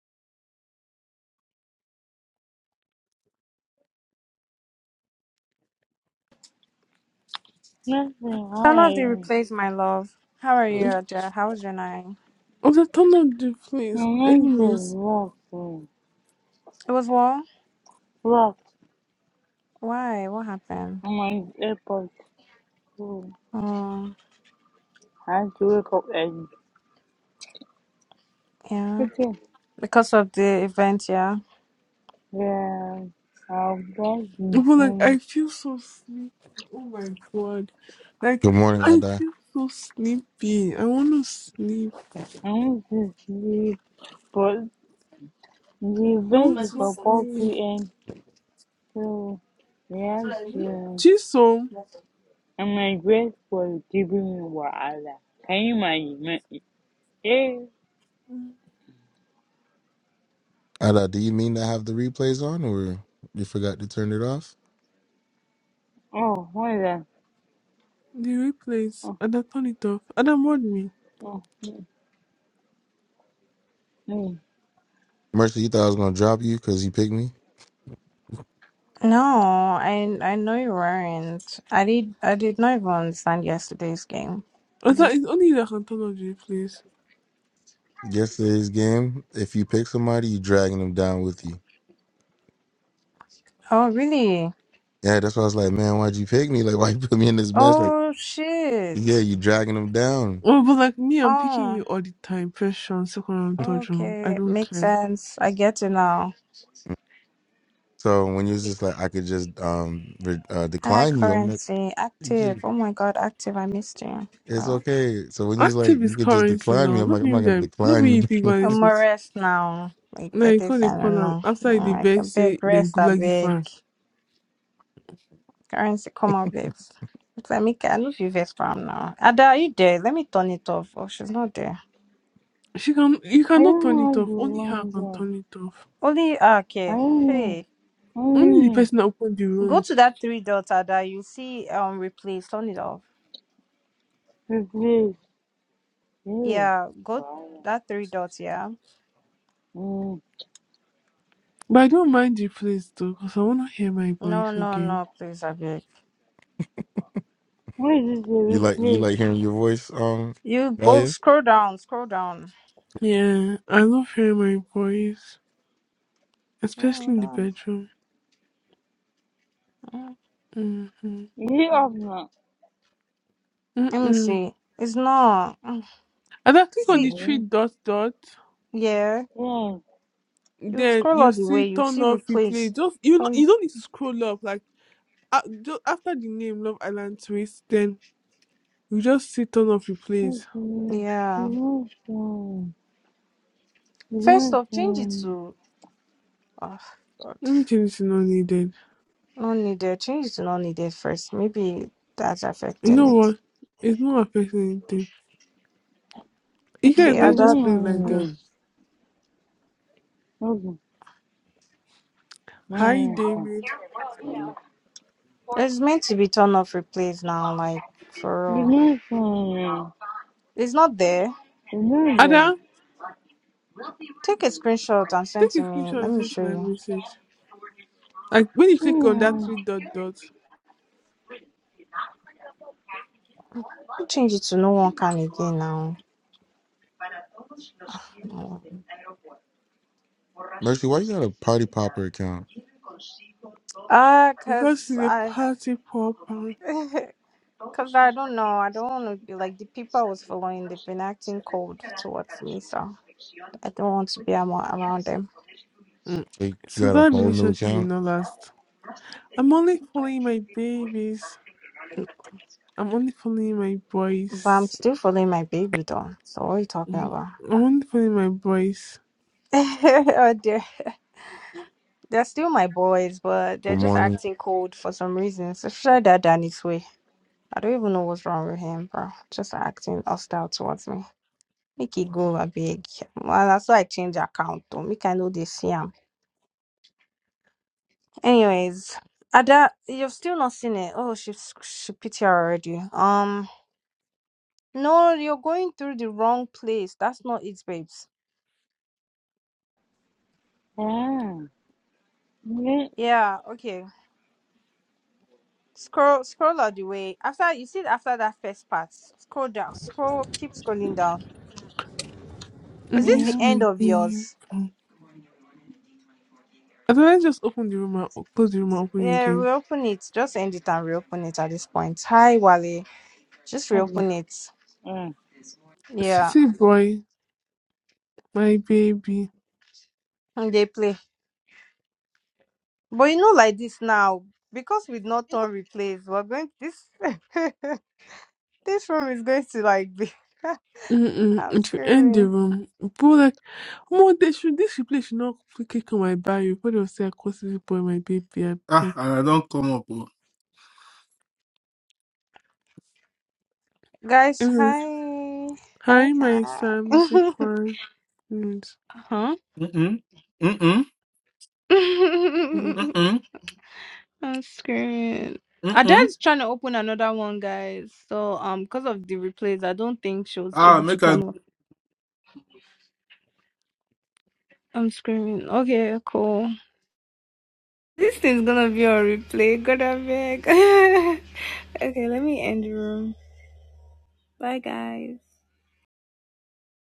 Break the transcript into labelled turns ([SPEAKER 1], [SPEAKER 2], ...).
[SPEAKER 1] Nothing,
[SPEAKER 2] I don't know if they
[SPEAKER 1] alright.
[SPEAKER 2] replaced my love. How are you, Aja? How was your night?
[SPEAKER 3] I was like, turn on the place.
[SPEAKER 1] I'm going to
[SPEAKER 3] Anyways,
[SPEAKER 1] walk. um,
[SPEAKER 2] It was well.
[SPEAKER 1] Walk.
[SPEAKER 2] Why? What happened?
[SPEAKER 1] I'm on the airport too.
[SPEAKER 2] Oh,
[SPEAKER 1] I have to wake up early.
[SPEAKER 2] yeah.
[SPEAKER 1] Okay.
[SPEAKER 2] Because of the event, yeah.
[SPEAKER 1] Yeah. I'll get
[SPEAKER 3] but like, I
[SPEAKER 1] home.
[SPEAKER 3] feel so sleepy. Oh my god. Like,
[SPEAKER 4] Good morning,
[SPEAKER 3] I
[SPEAKER 4] Ada.
[SPEAKER 3] feel so sleepy. I want to sleep.
[SPEAKER 1] I'm going to sleep. But the
[SPEAKER 3] I
[SPEAKER 1] event
[SPEAKER 3] want
[SPEAKER 1] is
[SPEAKER 3] to
[SPEAKER 1] for 4
[SPEAKER 3] sleep.
[SPEAKER 1] p.m. So, yes. Um,
[SPEAKER 3] Jisoo,
[SPEAKER 1] I'm like, grateful for giving me wahala. Can you imagine? Eh?
[SPEAKER 3] the
[SPEAKER 4] Ada, do you mean to have the replays on, or you forgot to turn it off?
[SPEAKER 1] Oh, what is that?
[SPEAKER 3] replays.
[SPEAKER 1] Oh,
[SPEAKER 3] And I turn it off. And I mod me.
[SPEAKER 1] oh, mm. mm.
[SPEAKER 4] Mercy, you thought I was gonna drop you because you picked me
[SPEAKER 2] No, I I know you weren't. I did I did not even understand yesterday's game.
[SPEAKER 3] I
[SPEAKER 2] I
[SPEAKER 3] thought it's
[SPEAKER 2] just
[SPEAKER 3] only you that can turn on the replays.
[SPEAKER 4] yesterday's game. If you pick somebody, you dragging them down with you.
[SPEAKER 2] oh really?
[SPEAKER 4] Yeah, that's why I was like, man, why'd you pick me? Like, why you put me in this mess? Like,
[SPEAKER 2] Oh
[SPEAKER 4] yeah,
[SPEAKER 2] shit.
[SPEAKER 4] you dragging them down.
[SPEAKER 3] Oh, but like me, I'm picking
[SPEAKER 2] Oh
[SPEAKER 3] you all the time. First round, second round, third round. I
[SPEAKER 2] okay,
[SPEAKER 3] don't
[SPEAKER 2] makes
[SPEAKER 3] care.
[SPEAKER 2] sense. I get it now.
[SPEAKER 4] So when you was just like, I could just um re- uh,
[SPEAKER 2] Hi,
[SPEAKER 4] decline you. I'm like,
[SPEAKER 2] currency
[SPEAKER 4] yeah,
[SPEAKER 2] active. Oh my god, active. I missed you.
[SPEAKER 4] it's
[SPEAKER 2] Oh.
[SPEAKER 4] okay. So when you was like,
[SPEAKER 3] Active
[SPEAKER 4] you
[SPEAKER 3] is
[SPEAKER 4] could just
[SPEAKER 3] currency
[SPEAKER 4] decline me.
[SPEAKER 3] now.
[SPEAKER 4] I'm
[SPEAKER 3] Not
[SPEAKER 4] like, I'm
[SPEAKER 3] being
[SPEAKER 4] not gonna
[SPEAKER 3] that. Not being
[SPEAKER 4] decline
[SPEAKER 3] you pick
[SPEAKER 4] you.
[SPEAKER 3] violence
[SPEAKER 2] I'm a
[SPEAKER 3] with.
[SPEAKER 2] rest now. Like
[SPEAKER 3] Now
[SPEAKER 2] that
[SPEAKER 3] you call not
[SPEAKER 2] if I
[SPEAKER 3] call
[SPEAKER 2] don't
[SPEAKER 3] am
[SPEAKER 2] know.
[SPEAKER 3] after the
[SPEAKER 2] Yeah,
[SPEAKER 3] dey
[SPEAKER 2] like a
[SPEAKER 3] say
[SPEAKER 2] big
[SPEAKER 3] dem
[SPEAKER 2] rest, a
[SPEAKER 3] gulag give
[SPEAKER 2] big currency come out, babes. It's like Mika, I know if you vex from now. Ada, are you there? Let me turn it off. Oh, she's not there.
[SPEAKER 3] She can you
[SPEAKER 1] I
[SPEAKER 3] cannot
[SPEAKER 1] don't
[SPEAKER 3] turn
[SPEAKER 1] know how
[SPEAKER 3] it off. Only her
[SPEAKER 1] to
[SPEAKER 3] can
[SPEAKER 1] remind
[SPEAKER 3] turn it off.
[SPEAKER 2] Only ah, okay.
[SPEAKER 1] Mm,
[SPEAKER 2] Hey.
[SPEAKER 3] Only the
[SPEAKER 1] mm,
[SPEAKER 3] person that opened the
[SPEAKER 2] Go
[SPEAKER 3] room.
[SPEAKER 2] to that three dots, Ada. You see um replace. Turn it off.
[SPEAKER 1] replace. Ew.
[SPEAKER 2] Yeah, go
[SPEAKER 1] Wow.
[SPEAKER 2] that three dots, yeah.
[SPEAKER 1] Mm.
[SPEAKER 3] But I don't mind the place though, because I wanna hear my voice
[SPEAKER 2] No, no,
[SPEAKER 3] again.
[SPEAKER 2] no, please, I beg.
[SPEAKER 1] What is this? A
[SPEAKER 4] you like, you
[SPEAKER 1] replace.
[SPEAKER 4] like hearing your voice, um,
[SPEAKER 2] You go
[SPEAKER 4] Dahlia?
[SPEAKER 2] scroll down, scroll down.
[SPEAKER 3] Yeah, I love hearing my voice. Especially
[SPEAKER 2] No,
[SPEAKER 3] in the
[SPEAKER 2] that.
[SPEAKER 3] bedroom.
[SPEAKER 2] mm.
[SPEAKER 3] Mm-hmm.
[SPEAKER 1] Is it up now?
[SPEAKER 2] Let me
[SPEAKER 3] Mm-mm.
[SPEAKER 2] see. It's not. mm.
[SPEAKER 3] And then click on the
[SPEAKER 2] See,
[SPEAKER 3] three
[SPEAKER 1] Mm.
[SPEAKER 3] dot dot.
[SPEAKER 2] yeah.
[SPEAKER 1] Yeah.
[SPEAKER 2] You
[SPEAKER 3] Then
[SPEAKER 2] scroll all
[SPEAKER 3] you
[SPEAKER 2] the
[SPEAKER 3] see
[SPEAKER 2] way, you
[SPEAKER 3] turn
[SPEAKER 2] see
[SPEAKER 3] off
[SPEAKER 2] replace.
[SPEAKER 3] replay. Just you know
[SPEAKER 2] Um,
[SPEAKER 3] you don't need to scroll up like uh, just after the name Love Island Twist, then you just see turn off replay.
[SPEAKER 1] Okay. It's
[SPEAKER 2] yeah.
[SPEAKER 1] not um, it's
[SPEAKER 2] First
[SPEAKER 1] not
[SPEAKER 2] off, change it
[SPEAKER 1] um,
[SPEAKER 2] to oh God,
[SPEAKER 3] Let me change it to not needed.
[SPEAKER 2] not needed. Change it to not needed first. Maybe that's
[SPEAKER 3] You
[SPEAKER 2] affecting
[SPEAKER 3] know
[SPEAKER 2] it.
[SPEAKER 3] what? It's not affecting anything. You guys,
[SPEAKER 2] Okay,
[SPEAKER 1] okay,
[SPEAKER 2] I
[SPEAKER 3] let's
[SPEAKER 1] it's
[SPEAKER 3] just
[SPEAKER 2] that
[SPEAKER 1] not
[SPEAKER 3] play it like that.
[SPEAKER 1] um, okay. Mm, Okay. It's not
[SPEAKER 3] Hi, David.
[SPEAKER 2] it's meant to be turn off replace now. Like for all,
[SPEAKER 1] um,
[SPEAKER 2] it's not there.
[SPEAKER 1] it's not there.
[SPEAKER 3] Ada,
[SPEAKER 2] Take a screenshot and send
[SPEAKER 3] take a
[SPEAKER 2] to me.
[SPEAKER 3] screenshot
[SPEAKER 2] Let
[SPEAKER 3] and
[SPEAKER 2] me
[SPEAKER 3] send to
[SPEAKER 2] show
[SPEAKER 3] my
[SPEAKER 2] you.
[SPEAKER 3] message. Like when you click on that
[SPEAKER 1] Mm.
[SPEAKER 3] three dot dot,
[SPEAKER 2] Don't Change it to no one can again now. No.
[SPEAKER 4] Mercy, why you got a Party Popper account?
[SPEAKER 2] Ah,
[SPEAKER 3] because
[SPEAKER 2] cause
[SPEAKER 3] it's a
[SPEAKER 2] I.
[SPEAKER 3] party popper.
[SPEAKER 2] Cause I don't know. I don't want to be like the people I was following. They've been acting cold towards me, so I don't want to be am- around them.
[SPEAKER 3] Mm.
[SPEAKER 4] Like you
[SPEAKER 3] So
[SPEAKER 4] got a
[SPEAKER 3] that
[SPEAKER 4] whole new
[SPEAKER 3] relationship did
[SPEAKER 4] account?
[SPEAKER 3] not last. I'm only following my babies. I'm only following my
[SPEAKER 2] But I'm
[SPEAKER 3] boys.
[SPEAKER 2] still following my baby though. So what are you talking
[SPEAKER 3] Mm.
[SPEAKER 2] about?
[SPEAKER 3] I'm only following my boys.
[SPEAKER 2] Oh, dear. They're still my boys, but
[SPEAKER 4] Good
[SPEAKER 2] they're just
[SPEAKER 4] morning.
[SPEAKER 2] acting cold for some reason. Especially that Danny's way. I don't even know what's wrong with him, bro. Just acting hostile towards me. Make it go a big. Well, that's why I change account though. Make I know they see 'em. Anyways, Ada, you've still not seen it. Oh, she she pity her already. Um, no, you're going through the wrong place. That's not it, babes.
[SPEAKER 1] Ah. Yeah.
[SPEAKER 2] Yeah, okay. Scroll, scroll all the way. After you see it after that first part, scroll down. Scroll, keep scrolling down.
[SPEAKER 3] I
[SPEAKER 2] Is this the
[SPEAKER 3] miss
[SPEAKER 1] Mm.
[SPEAKER 2] end
[SPEAKER 3] my
[SPEAKER 2] of
[SPEAKER 3] baby.
[SPEAKER 2] yours?
[SPEAKER 3] Ada, let's just open the room and close the room and open it
[SPEAKER 2] Yeah,
[SPEAKER 3] again.
[SPEAKER 2] reopen it. Just end it and reopen it at this point. Hi, Wale. Just
[SPEAKER 1] Okay.
[SPEAKER 2] reopen it.
[SPEAKER 1] Ah.
[SPEAKER 2] Yeah,
[SPEAKER 3] City boy, my baby.
[SPEAKER 2] and they play. But you know, like this now, because we've not done replays, we're going this. This room is going to like be.
[SPEAKER 3] Mm-mm.
[SPEAKER 2] I'm
[SPEAKER 3] It will end the
[SPEAKER 2] screaming.
[SPEAKER 3] room. But like, more they should this replay should not click on my bio. But they'll say I call City boy, my baby. I
[SPEAKER 5] Ah,
[SPEAKER 3] beg.
[SPEAKER 5] and I don't come up. oh.
[SPEAKER 2] Guys,
[SPEAKER 3] Mm.
[SPEAKER 2] hi. Hi,
[SPEAKER 3] Hi, my
[SPEAKER 2] hi.
[SPEAKER 3] Sam Zikwan.
[SPEAKER 2] huh?
[SPEAKER 5] Mm-mm. Mm-mm. Mm-mm.
[SPEAKER 2] I'm screaming.
[SPEAKER 5] Mm-mm.
[SPEAKER 2] Adele's trying to open another one, guys. So, um, because of the replays, I don't think she was
[SPEAKER 5] Ah,
[SPEAKER 2] able to
[SPEAKER 5] make I
[SPEAKER 2] turn off. I'm screaming. Okay, cool. This thing's gonna be on replay. God, I beg. okay, let me end the room. Bye, guys.